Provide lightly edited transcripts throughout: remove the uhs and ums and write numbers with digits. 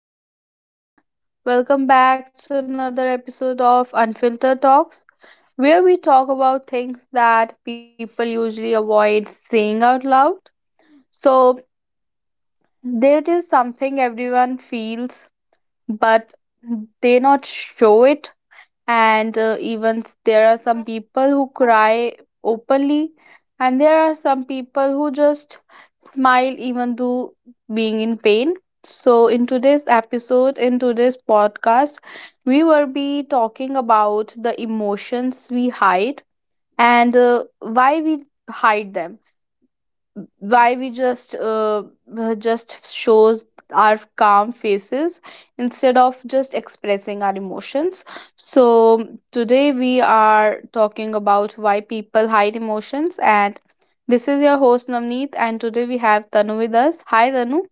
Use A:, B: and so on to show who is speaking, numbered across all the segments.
A: Hello, everyone. Welcome back to another episode of Unfiltered Talks, where we talk about things that people usually avoid saying out loud. So, there is something everyone feels, but they not show it and there are some people who cry openly, and there are some people who just smile even though being in pain. So in today's podcast we will be talking about the emotions we hide, and why we hide them, why we just shows our calm faces instead of just expressing our emotions. So today we are talking about why people hide emotions, and this is your host Navneet, and today we have Tanu with us. Hi Tanu.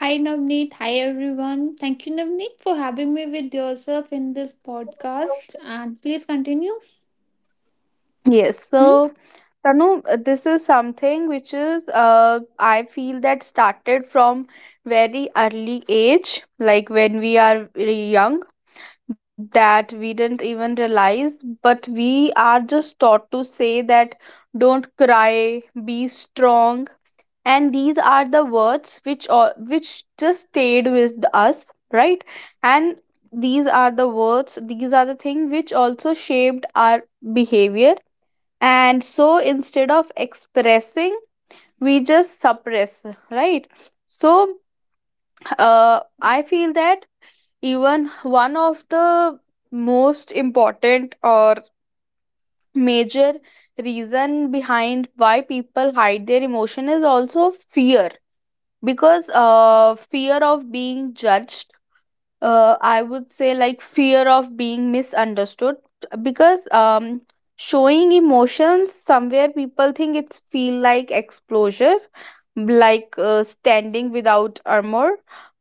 B: Hi Navneet, hi everyone. Thank you Navneet for having me with yourself in this podcast and please continue.
A: Yes,
B: Hmm?
A: so Tanu, this is something which is, I feel that started from very early age, like when we are really young, that we didn't even realize, but we are just taught to say that don't cry, be strong. And these are the words which just stayed with us, right? And these are the things which also shaped our behavior. And so instead of expressing, we just suppress, right? So I feel that even one of the most important or major reason behind why people hide their emotion is also fear, because fear of being judged, I would say, like fear of being misunderstood. Because showing emotions, somewhere people think it's feel like exposure, like standing without armor.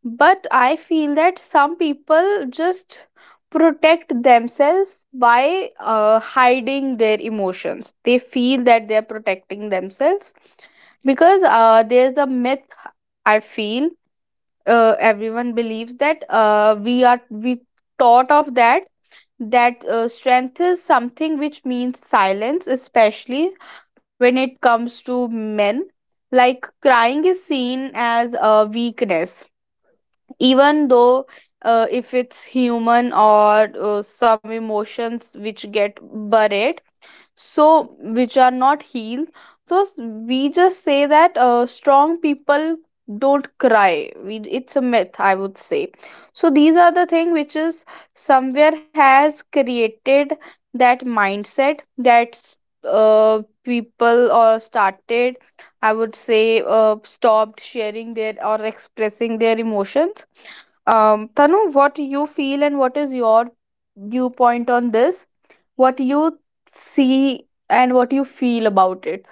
A: But I feel that some people just protect themselves by hiding their emotions. They feel that they're protecting themselves, because there's a myth, I feel. Everyone believes that, we are we thought of that, that strength is something which means silence, especially when it comes to men. Like crying is seen as a weakness, even though if it's human, or some emotions which get buried, so which are not healed. So we just say that strong people don't cry, it's a myth, I would say. So these are the thing which is somewhere has created that mindset that people or started, I would say, stopped sharing their or expressing their emotions. Tanu, what you feel and what is your viewpoint on this, what you see and what you feel about it.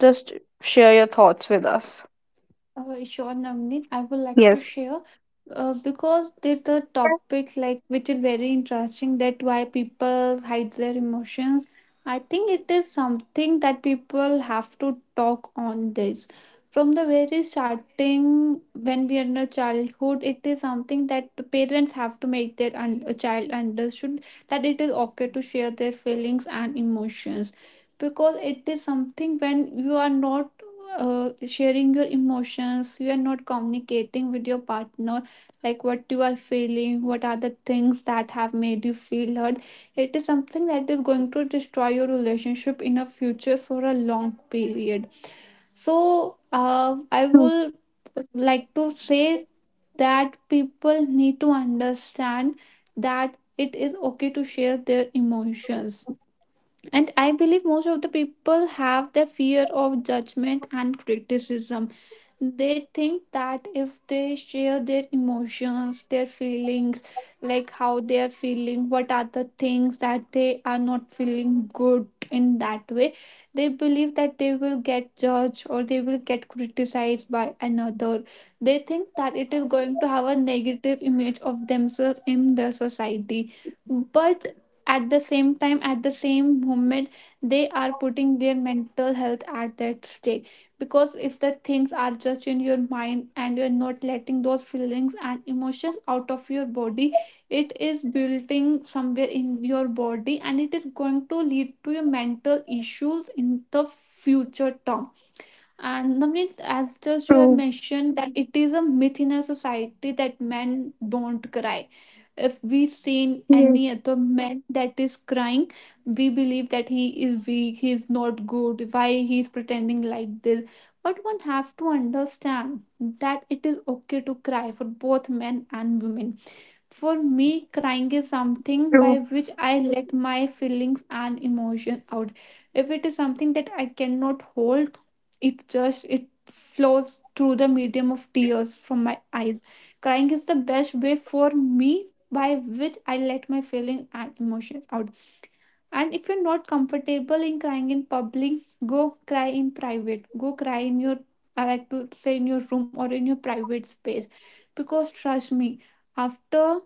A: Just share your thoughts with us.
B: Sure, Navneet, I would
A: Yes.
B: like to share because the topic like which is very interesting that why people hide their emotions. I think it is something that people have to talk on this from the very starting when we are in a childhood. It is something that the parents have to make their a child understood that it is okay to share their feelings and emotions, because it is something when you are not sharing your emotions, you are not communicating with your partner, like what you are feeling, what are the things that have made you feel hurt. It is something that is going to destroy your relationship in a future for a long period. So
A: True.
B: I will like to say that people need to understand that it is okay to share their emotions, and I believe most of the people have the fear of judgment and criticism. They think that if they share their emotions, their feelings, like how they are feeling, what are the things that they are not feeling good in that way, they believe that they will get judged or they will get criticized by another. They think that it is going to have a negative image of themselves in the society, but at the same time, at the same moment, they are putting their mental health at that stake, because if the things are just in your mind and you're not letting those feelings and emotions out of your body, it is building somewhere in your body and it is going to lead to your mental issues in the future term. And Navneet, as just you have
A: True.
B: mentioned, that it is a myth in our society that men don't cry. If we seen
A: Yes.
B: any other man that is crying, we believe that he is weak, he is not good, why he is pretending like this. But one have to understand that it is okay to cry for both men and women. For me, crying is
A: True.
B: something by which I let my feelings and emotion out. If it is something that I cannot hold, it just it flows through the medium of tears from my eyes. Crying is the best way for me by which I let my feelings and emotions out. And if you're not comfortable in crying in public, go cry in private. Go cry in your, I like to say, in your room or in your private space. Because trust me, after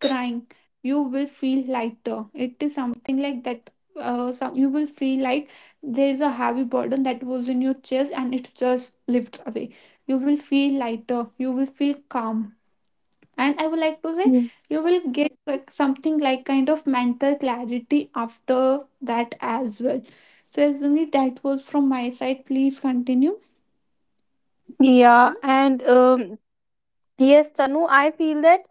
B: crying, you will feel lighter. It is something like that, some, you will feel like there is a heavy burden that was in your chest and it just lifts away. You will feel lighter, you will feel calm, and I would like to say
A: Mm.
B: you will get like something like kind of mental clarity after that as well. So Azumi, that was from my side, please continue.
A: Yeah,
B: Hmm?
A: and yes, Tanu, I feel that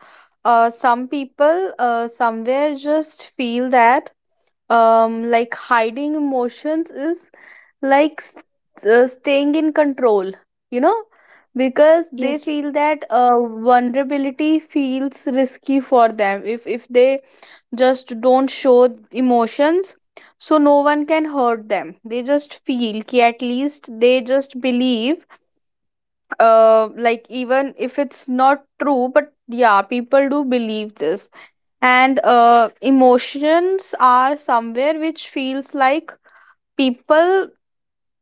A: some people somewhere just feel that like hiding emotions is like s staying in control, you know, because they
B: yes
A: feel that vulnerability feels risky for them. If they just don't show emotions, so no one can hurt them. They just feel ki, at least they just believe, like even if it's not true, but yeah, people do believe this. And emotions are somewhere which feels like people,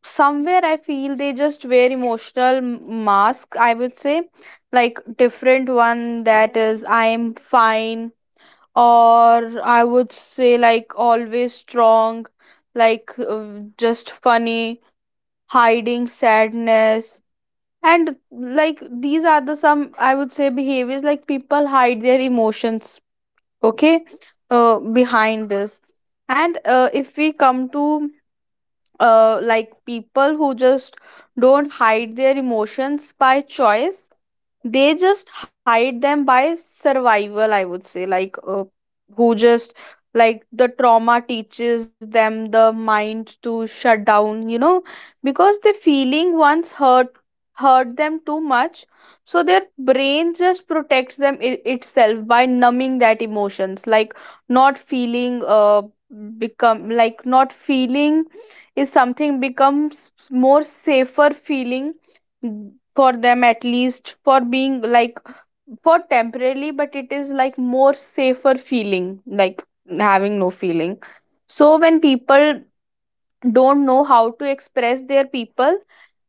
A: somewhere I feel they just wear emotional mask, I would say. Like different one, that is I am fine, or I would say like always strong, like just funny, hiding sadness. And like these are the some, I would say, behaviors like people hide their emotions, okay, behind this. And if we come to like people who just don't hide their emotions by choice, they just hide them by survival, I would say, like who just, like the trauma teaches them the mind to shut down, you know, because the feeling once hurt, hurt them too much. So their brain just protects them itself by numbing that emotions, like not feeling become like not feeling is something becomes more safer feeling for them, at least for being like for temporarily. But it is like more safer feeling, like having no feeling. So when people don't know how to express their people,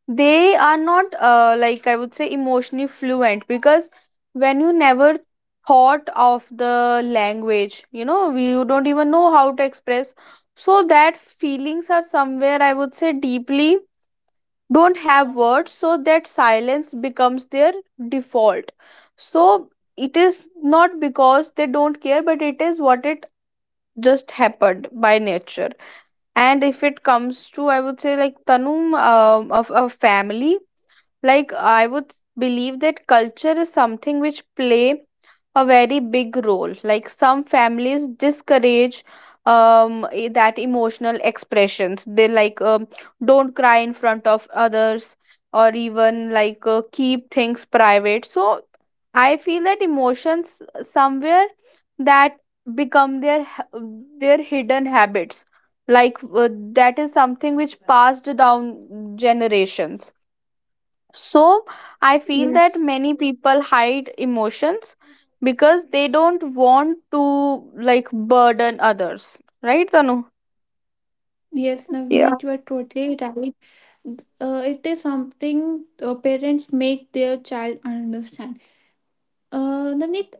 A: they are not like I would say emotionally fluent, because when you never thought of the language, you know, you don't even know how to express. So that feelings are somewhere, I would say, deeply don't have words, so that silence becomes their default. So it is not because they don't care, but it is what it just happened by nature. And if it comes to, I would say, like tanum of a family, like I would believe that culture is something which play a very big role. Like some families discourage that emotional expressions, they like don't cry in front of others, or even like keep things private. So I feel that emotions, somewhere, that become their their hidden habits, like that is something which passed down generations. So I feel that
B: yes,
A: many people hide emotions because they don't want to like burden others. Right, Tanu?
B: yes
A: Yeah.
B: Navneet, you are totally right. It is something parents make their child understand. Navneet,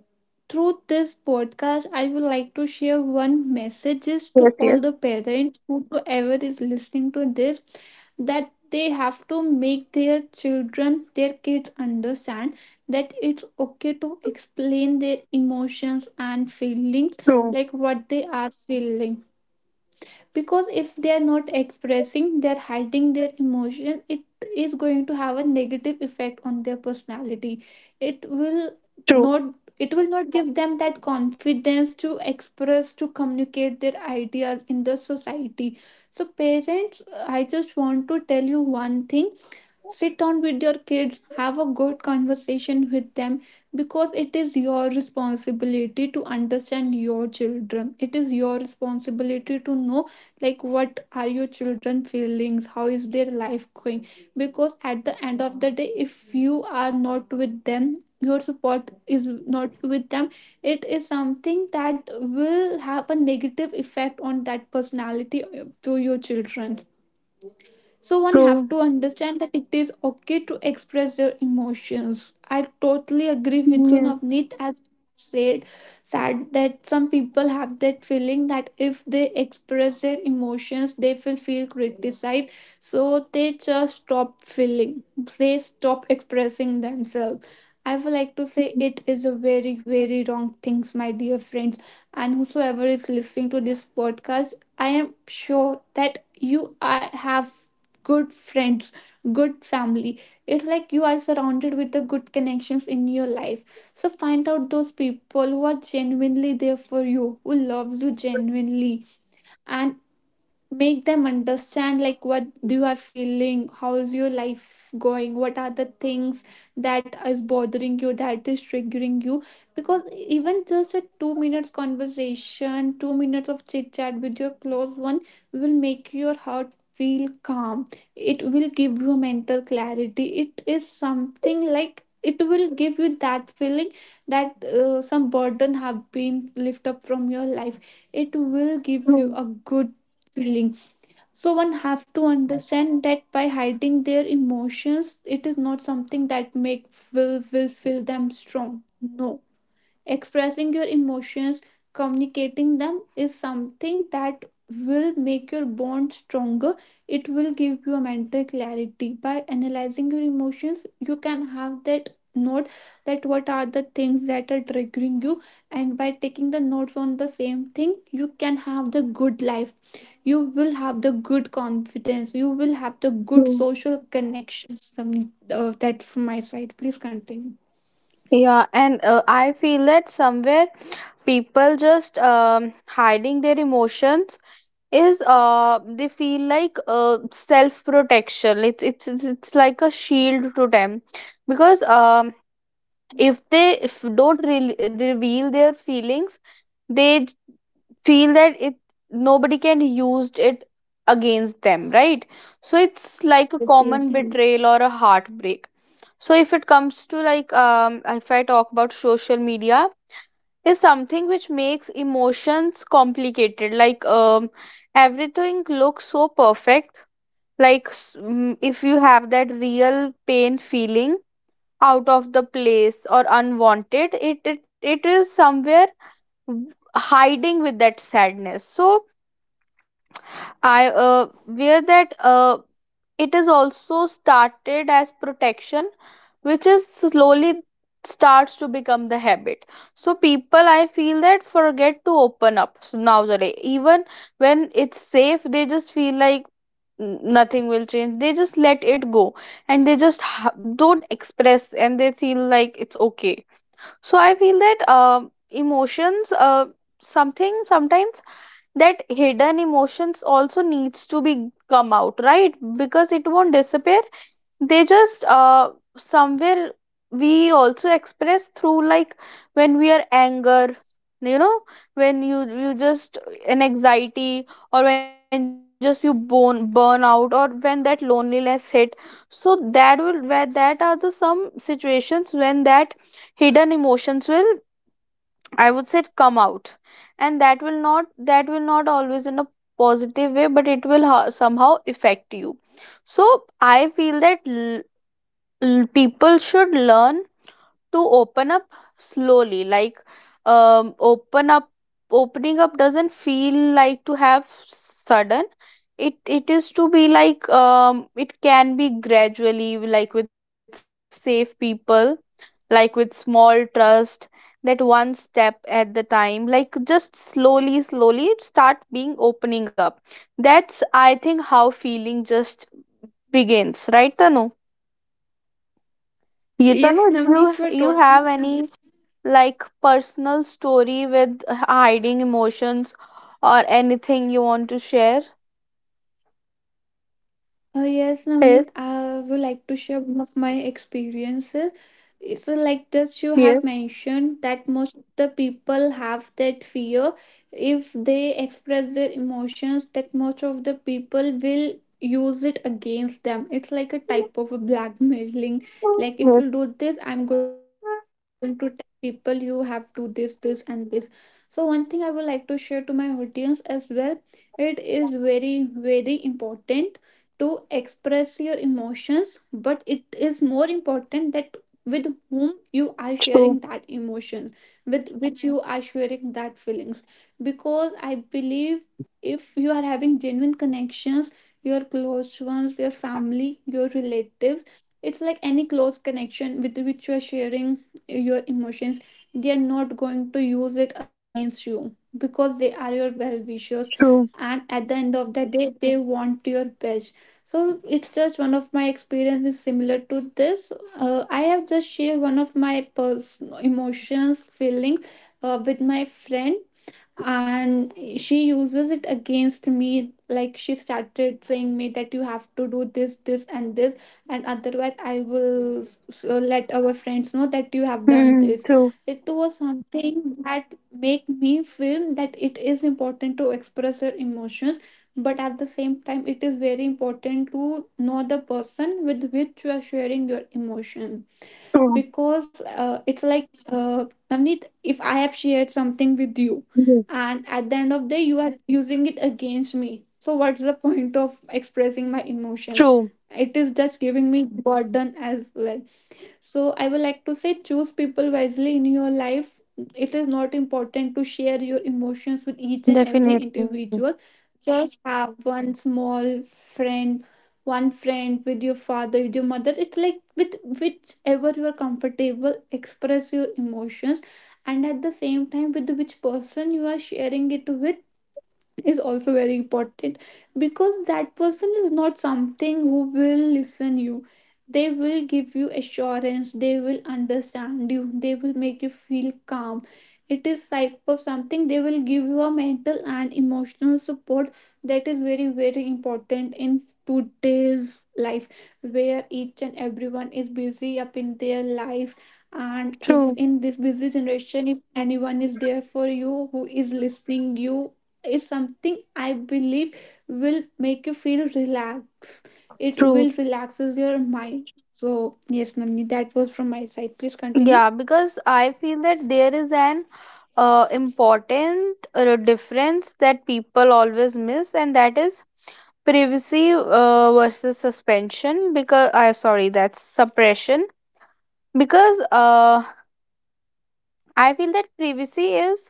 B: through this podcast, I would like to share one messages to
A: Yes, yes.
B: all the parents, whoever is listening to this, that they have to make their children, their kids understand that it's okay to explain their emotions and feelings,
A: True.
B: like what they are feeling. Because if they are not expressing, they're hiding their emotion, it is going to have a negative effect on their personality. it will
A: True.
B: not it will not give them that confidence to express, to communicate their ideas in the society. So parents, I just want to tell you one thing: sit down with your kids, have a good conversation with them, because it is your responsibility to understand your children, it is your responsibility to know like what are your children feelings, how is their life going. Because at the end of the day, if you are not with them, your support is not with them, it is something that will have a negative effect on that personality to your children. So one
A: True.
B: have to understand that it is okay to express their emotions. I totally agree with you,
A: Yes.
B: Navneet, as said, sad, that some people have that feeling that if they express their emotions they will feel criticized, so they just stop feeling, they stop expressing themselves. I would like to say it is a very, very wrong things, my dear friends. And whosoever is listening to this podcast, I am sure that have good friends, good family. It's like you are surrounded with the good connections in your life. So find out those people who are genuinely there for you, who loves you genuinely. And make them understand like what you are feeling, how is your life going, what are the things that is bothering you, that is triggering you. Because even just a 2 minutes conversation, 2 minutes of chit chat with your close one will make your heart feel calm. It will give you mental clarity. It is something like it will give you that feeling that some burden have been lifted up from your life. It will give you a
A: True.
B: good feeling. So one have to understand that by hiding their emotions, it is not something that make, will feel them strong. No. Expressing your emotions, communicating them, is something that will make your bond stronger. It will give you a mental clarity. By analyzing your emotions, you can have that note that what are the things that are triggering you, and by taking the notes on the same thing you can have the good life. You will have the good confidence, you will have the good
A: True.
B: social connections. That from my side, please continue.
A: Yeah, and I feel that somewhere people just hiding their emotions is uh, they feel like uh, self protection. It's like a shield to them. Because if they if don't reveal their feelings, they feel that it, nobody can use it against them, right? So it's like a
B: Yes,
A: common
B: please.
A: betrayal or a heartbreak. So if it comes to like, if I talk about social media, is something which makes emotions complicated, like everything looks so perfect, if you have that real pain feeling out of the place or unwanted, it is somewhere hiding with that sadness. So I wear that, it is also started as protection which is slowly starts to become the habit. So people, I feel that forget to open up, so nowadays even when it's safe, they just feel like, " Nothing will change, they just let it go, and they just don't express, and they feel like it's okay. So I feel that emotions something sometimes that hidden emotions also needs to be come out, right? Because it won't disappear. They just somewhere we also express through, like when we are anger, you know, when you just an anxiety, or when just you bone burn out, or when that loneliness hit. So that will where that are the some situations when that hidden emotions will, I would say, come out. And that will not always in a positive way, but it will somehow affect you. So I feel that people should learn to open up slowly, like open up, opening up doesn't feel like to have sudden, it is to be like, it can be gradually, like with safe people, like with small trust, that one step at the time, like just slowly slowly start being opening up. That's I think how feeling just begins, right Tanu? You tanu
B: Yes,
A: do you
B: Navneet, you are
A: you have
B: totally.
A: any like personal story with hiding emotions, or anything you want to share?
B: Yes, Navneet,
A: Yes,
B: I would like to share one of my experiences. So, like just you have
A: yes,
B: mentioned that most of the people have that fear, if they express their emotions, that most of the people will use it against them. It's like a type of a blackmailing. Like
A: yes,
B: if you do this, I'm going to tell people you have to this, this, and this. So one thing I would like to share to my audience as well: it is very, very important to express your emotions, but it is more important that with whom you are sharing that
A: true,
B: emotions, with which you are sharing that feelings. Because I believe, if you are having genuine connections, your close ones, your family, your relatives, it's like any close connection with which you are sharing your emotions, they are not going to use it against you because they are your well wishers,
A: true,
B: and at the end of the day they want your best. So it's just one of my experiences similar to this. I have just shared one of my emotions, feelings, with my friend, and she uses it against me, like she started saying me that you have to do this, this, and this, and otherwise I will let our friends know that you have done
A: hmm,
B: this.
A: true,
B: It was something that make me feel that it is important to express your emotions, but at the same time it is very important to know the person with which you are sharing your emotions.
A: true,
B: Because it's like, Navneet, if I have shared something with you,
A: yes,
B: and at the end of the day you are using it against me, so what's the point of expressing my emotion?
A: true,
B: It is just giving me burden as well. So I would like to say, choose people wisely in your life. It is not important to share your emotions with each and every
A: definitely,
B: individual. Just have one small friend, one friend with your father, with your mother. It's like with whichever you are comfortable, express your emotions. And at the same time, with which person you are sharing it with, is also very important, because that person is not something who will listen you, they will give you assurance, they will understand you, they will make you feel calm. It is type of something, they will give you a mental and emotional support. That is very, very important in today's life, where each and everyone is busy up in their life. And if
A: true,
B: in this busy generation, if anyone is there for you who is listening you, is something I believe will make you feel relaxed. It
A: true.
B: will relaxes your mind. So yes, Namni, that was from my side. Please continue.
A: Yeah, because I feel that there is an important difference that people always miss, and that is privacy versus suspension. Because I, sorry, that's suppression. Because I feel that privacy is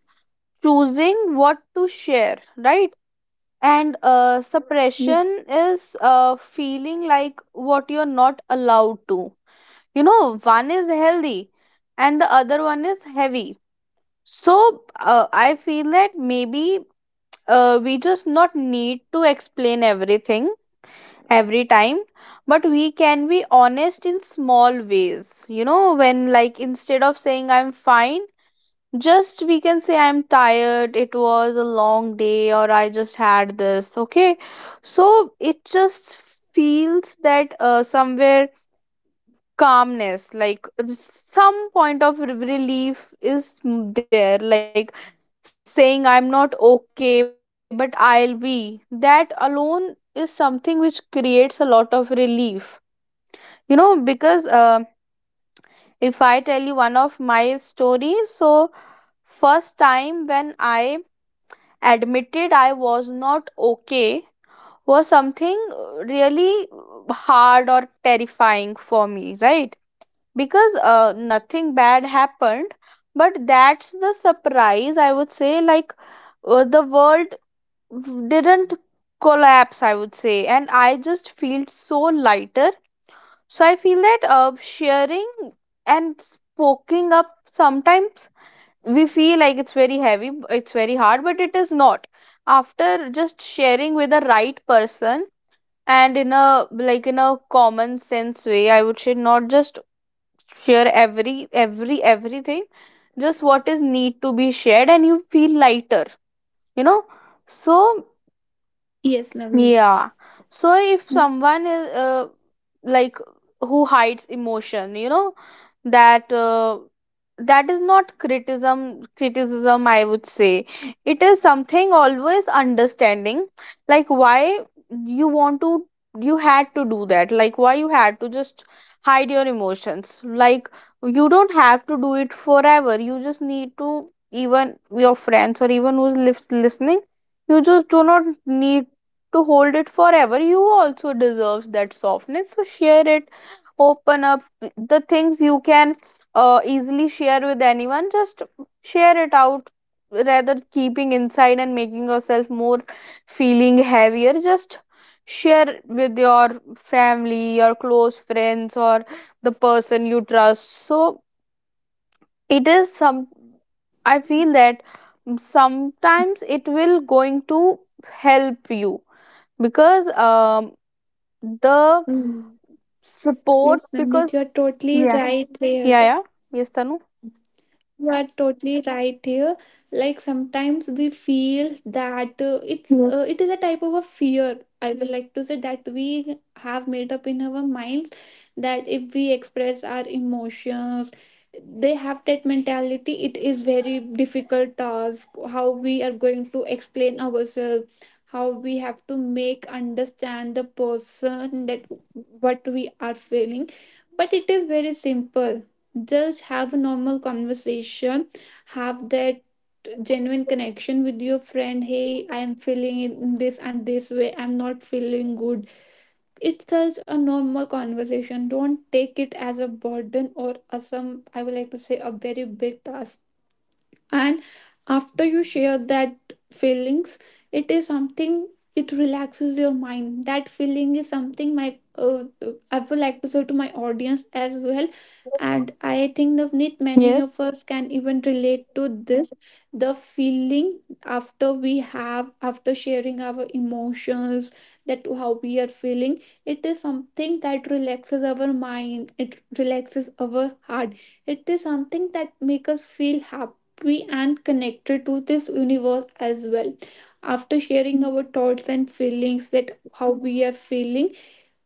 A: choosing what to share, right? And
B: Yes,
A: suppression is feeling like what you're not allowed to. You know, one is healthy, and the other one is heavy. So I feel that maybe we just not need to explain everything every time, but we can be honest in small ways. You know, when like instead of saying I'm fine, just we can say I'm tired, it was a long day, or I just had this. Okay. So it just feels that somewhere calmness, like some point of relief is there, like saying I'm not okay, but I'll be, that alone is something which creates a lot of relief, you know? Because if I tell you one of my stories, so first time when I admitted I was not okay was something really hard or terrifying for me, right? Because nothing bad happened, but that's the surprise, I would say, like the world didn't collapse, I would say, and I just feel so lighter. So I feel that sharing and spoking up sometimes, we feel like it's very heavy, it's very hard, but it is not, after just sharing with the right person, and in a, like in a common sense way, I would say, not just share every everything, just what is need to be shared, and you feel lighter, you know. So
B: yes, Namni.
A: yeah. So if
B: Hmm?
A: someone is like, who hides emotion, you know, that that is not criticism, I would say. It is something always understanding, like why you want to, you had to do that. Like why you had to just hide your emotions. Like you don't have to do it forever. You just need to even your friends or even listening. You just do not need to hold it forever. You also deserves that softness, so share it, open up the things you can easily share with anyone. Just share it out rather keeping inside and making yourself more feeling heavier. Just share with your family, your close friends, or the person you trust. So it is some, I feel that sometimes it will going to help you, because the
B: Hmm.
A: support,
B: Yes,
A: because
B: Namni, you are totally
A: yeah,
B: right
A: yeah,
B: there.
A: yeah, yes Tanu,
B: You are totally right here. Like sometimes we feel that
A: yes,
B: it is a type of a fear. I would like to say that we have made up in our minds that if we express our emotions, they have that mentality. It is very difficult task. How we are going to explain ourselves, how we have to make understand the person that what we are feeling. But it is very simple, just have a normal conversation, have that genuine connection with your friend. Hey, I am feeling in this and this way, I'm not feeling good. It's just a normal conversation, don't take it as a burden or as some, I would like to say, a very big task. And after you share that feelings, it is something, it relaxes your mind. That feeling is something, my I would like to say to my audience as well. And I think Navneet, many
A: yes,
B: of us can even relate to this, the feeling after we have, after sharing our emotions, that how we are feeling, it is something that relaxes our mind, it relaxes our heart. It is something that make us feel happy, happy and connected to this universe as well. After sharing our thoughts and feelings, that how we are feeling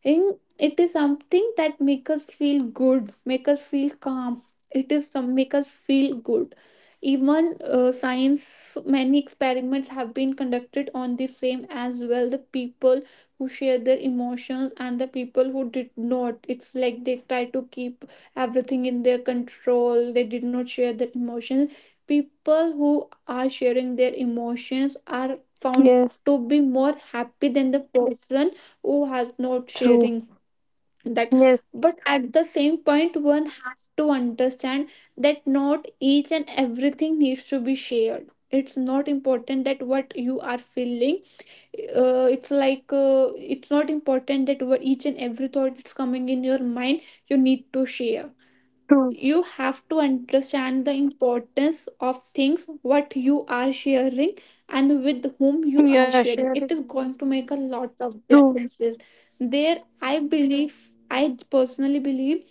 B: in, it is something that make us feel good, make us feel calm. It is some, make us feel good. Even science, many experiments have been conducted on the same as well. The people who share their emotions and the people who did not, it's like they try to keep everything in their control, they did not share their emotions. People who are sharing their emotions are found
A: yes,
B: to be more happy than the person who are not
A: true.
B: sharing that.
A: Yes,
B: But at the same point, one has to understand that not each and everything needs to be shared. It's not important that what you are feeling, it's like, it's not important that what each and every thought that's coming in your mind, you need to share.
A: true.
B: You have to understand the importance of things what you are sharing, and with whom you
A: Yeah,
B: are
A: share
B: sharing,
A: it.
B: it is going to make a lot of
A: True.
B: differences. There, I believe, I personally believe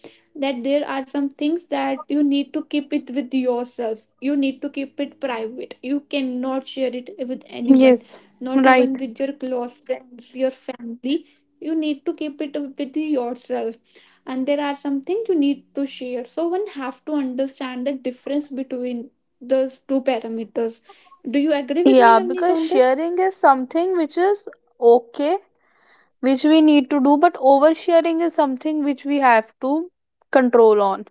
B: that there are some things that you need to keep it with yourself, you need to keep it private, you cannot share it with anyone,
A: Yes,
B: not even
A: right.
B: with your close friends, your family. You need to keep it with yourself, and there are something you need to share. So one have to understand the difference between those two parameters. Do you agree with me,
A: Yeah,
B: Navneet,
A: because
B: on this?
A: sharing is something which is okay, which we need to do, but oversharing is something which we have to control on.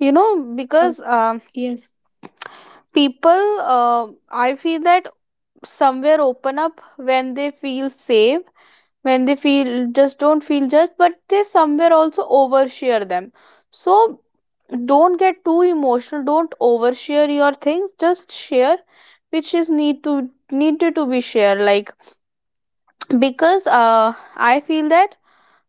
A: You know,
B: Oh,
A: because
B: yes.
A: people, I feel that somewhere open up when they feel safe, when they feel just don't feel judged, but they somewhere also overshare them. So don't get too emotional, don't overshare your things, just share which is need to needed to be shared. Like because I feel that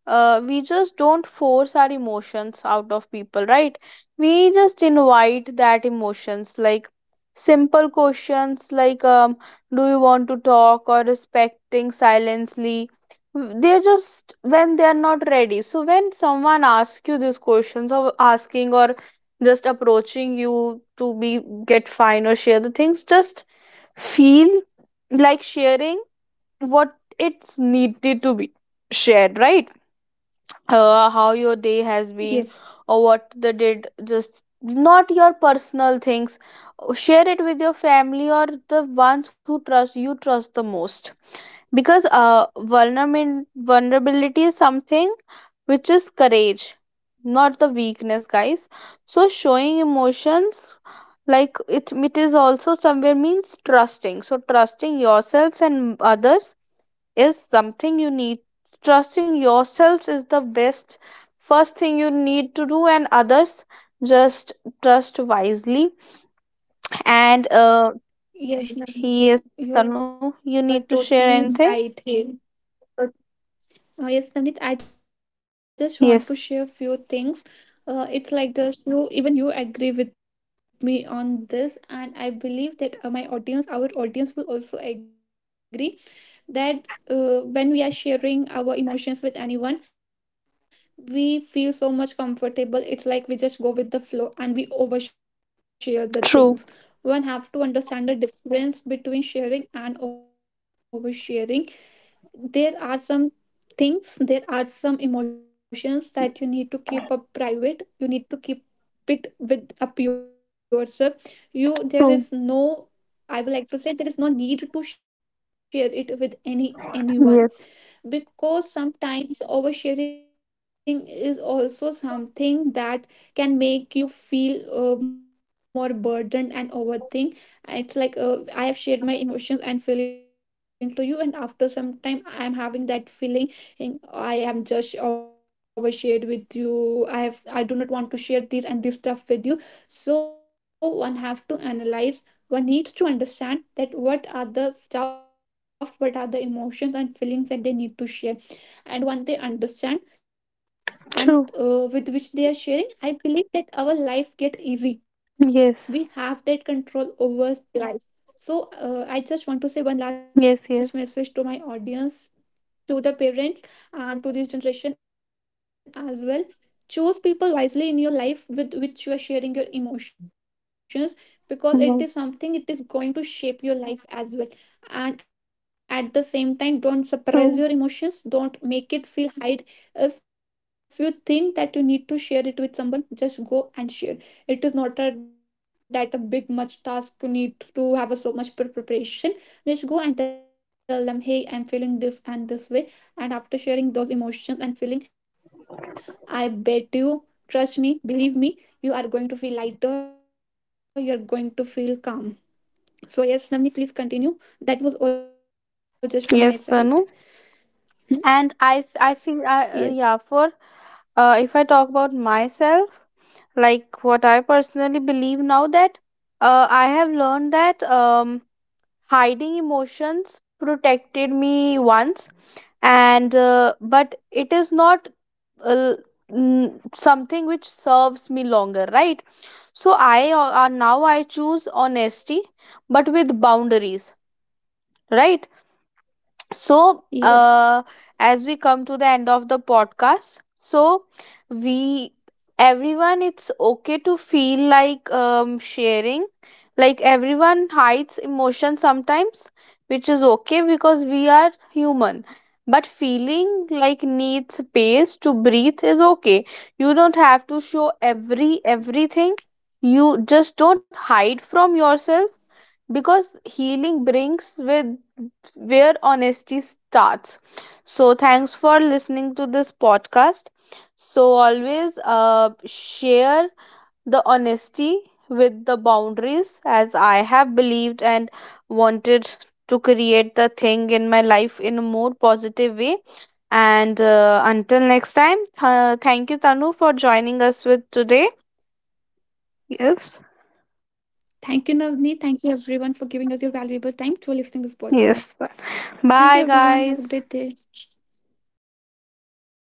A: we just don't force our emotions out of people, right? We just invite that emotions, like simple questions like do you want to talk, or respecting silently. They're just when they're not ready, so when someone asks you these questions or asking or just approaching you to be get fine or share the things, just feel like sharing what it's needed to be shared, right? How your day has
B: Yes,
A: been or what the did, just not your personal things. Share it with your family or the ones who trust you, trust the most. Because vulnerability is something which is courage, not the weakness, guys. So showing emotions, like it is also somewhere means trusting. So trusting yourselves and others is something you need. Trusting yourselves is the best first thing you need to do, and others, just trust wisely. And yes
B: yes,
A: Tanu,
B: Navneet.
A: you need to
B: You are
A: share anything.
B: totally right here. uh, yes,
A: Yes,
B: Navneet, I just want to share a few things. It's like this, you, even you agree with me on this, and I believe that my audience, our audience, will also agree that when we are sharing our emotions with anyone, we feel so much comfortable, it's like we just go with the flow and we overshare the things.
A: true,
B: One have to understand the difference between sharing and oversharing. There are some things, there are some emotions that you need to keep up private, you need to keep it with up yourself. You, there is
A: true,
B: no, I would like to say there is no need to share it with any anyone,
A: yes,
B: because sometimes oversharing is also something that can make you feel more burdened and overthink. It's like, I have shared my emotions and feeling to you, and after some time I am having that feeling I am just overshared with you, I have, I do not want to share this and this stuff with you. So one have to analyze, one needs to understand that what are the stuff, what are the emotions and feelings that they need to share. And once they understand, and
A: true,
B: with which they are sharing, I believe that our life get easy, we
A: yes,
B: have that control over life. So, I just want to say one last
A: yes,
B: message
A: yes,
B: to my audience, to the parents, and to this generation as well. Choose people wisely in your life with which you are sharing your emotions, because it is
A: yes,
B: something, it is going to shape your life as well. And at the same time, don't suppress your
A: true.
B: emotions, don't make it feel hide. If you think that you need to share it with someone, just go and share. It is not a, that a big much task, you need to have a so much preparation. Just go and tell them, hey, I'm feeling this and this way, and after sharing those emotions and feeling, I bet you, trust me, believe me, you are going to feel lighter, you are going to feel calm. So, yes, Navni, please continue. That was all just from my
A: Yes
B: side.
A: Tanu,
B: Hmm?
A: and I feel I, yeah,
B: Yes,
A: for if I talk about myself, like what I personally believe now, that I have learned that hiding emotions protected me once, and but it is not uh, something which serves me longer, right? So I now I choose honesty, but with boundaries, right? so
B: yes.
A: uh, as we come to the end of the podcast, so we, everyone, it's okay to feel like sharing. Like everyone hides emotion sometimes, which is okay, because we are human. But feeling like needs space to breathe is okay. You don't have to show everything. You just don't hide from yourself, because healing brings with where honesty starts. So, thanks for listening to this podcast. So, always share the honesty with the boundaries, as I have believed and wanted to create the thing in my life in a more positive way. And until next time, thank you, Tanu, for joining us with today. Yes.
B: Thank you, Navni. Thank you, everyone, for giving us your valuable time to listening this
A: Yes.
B: podcast. Thank you, everyone.
A: Bye,
B: Have a great day.
A: guys.
B: Bye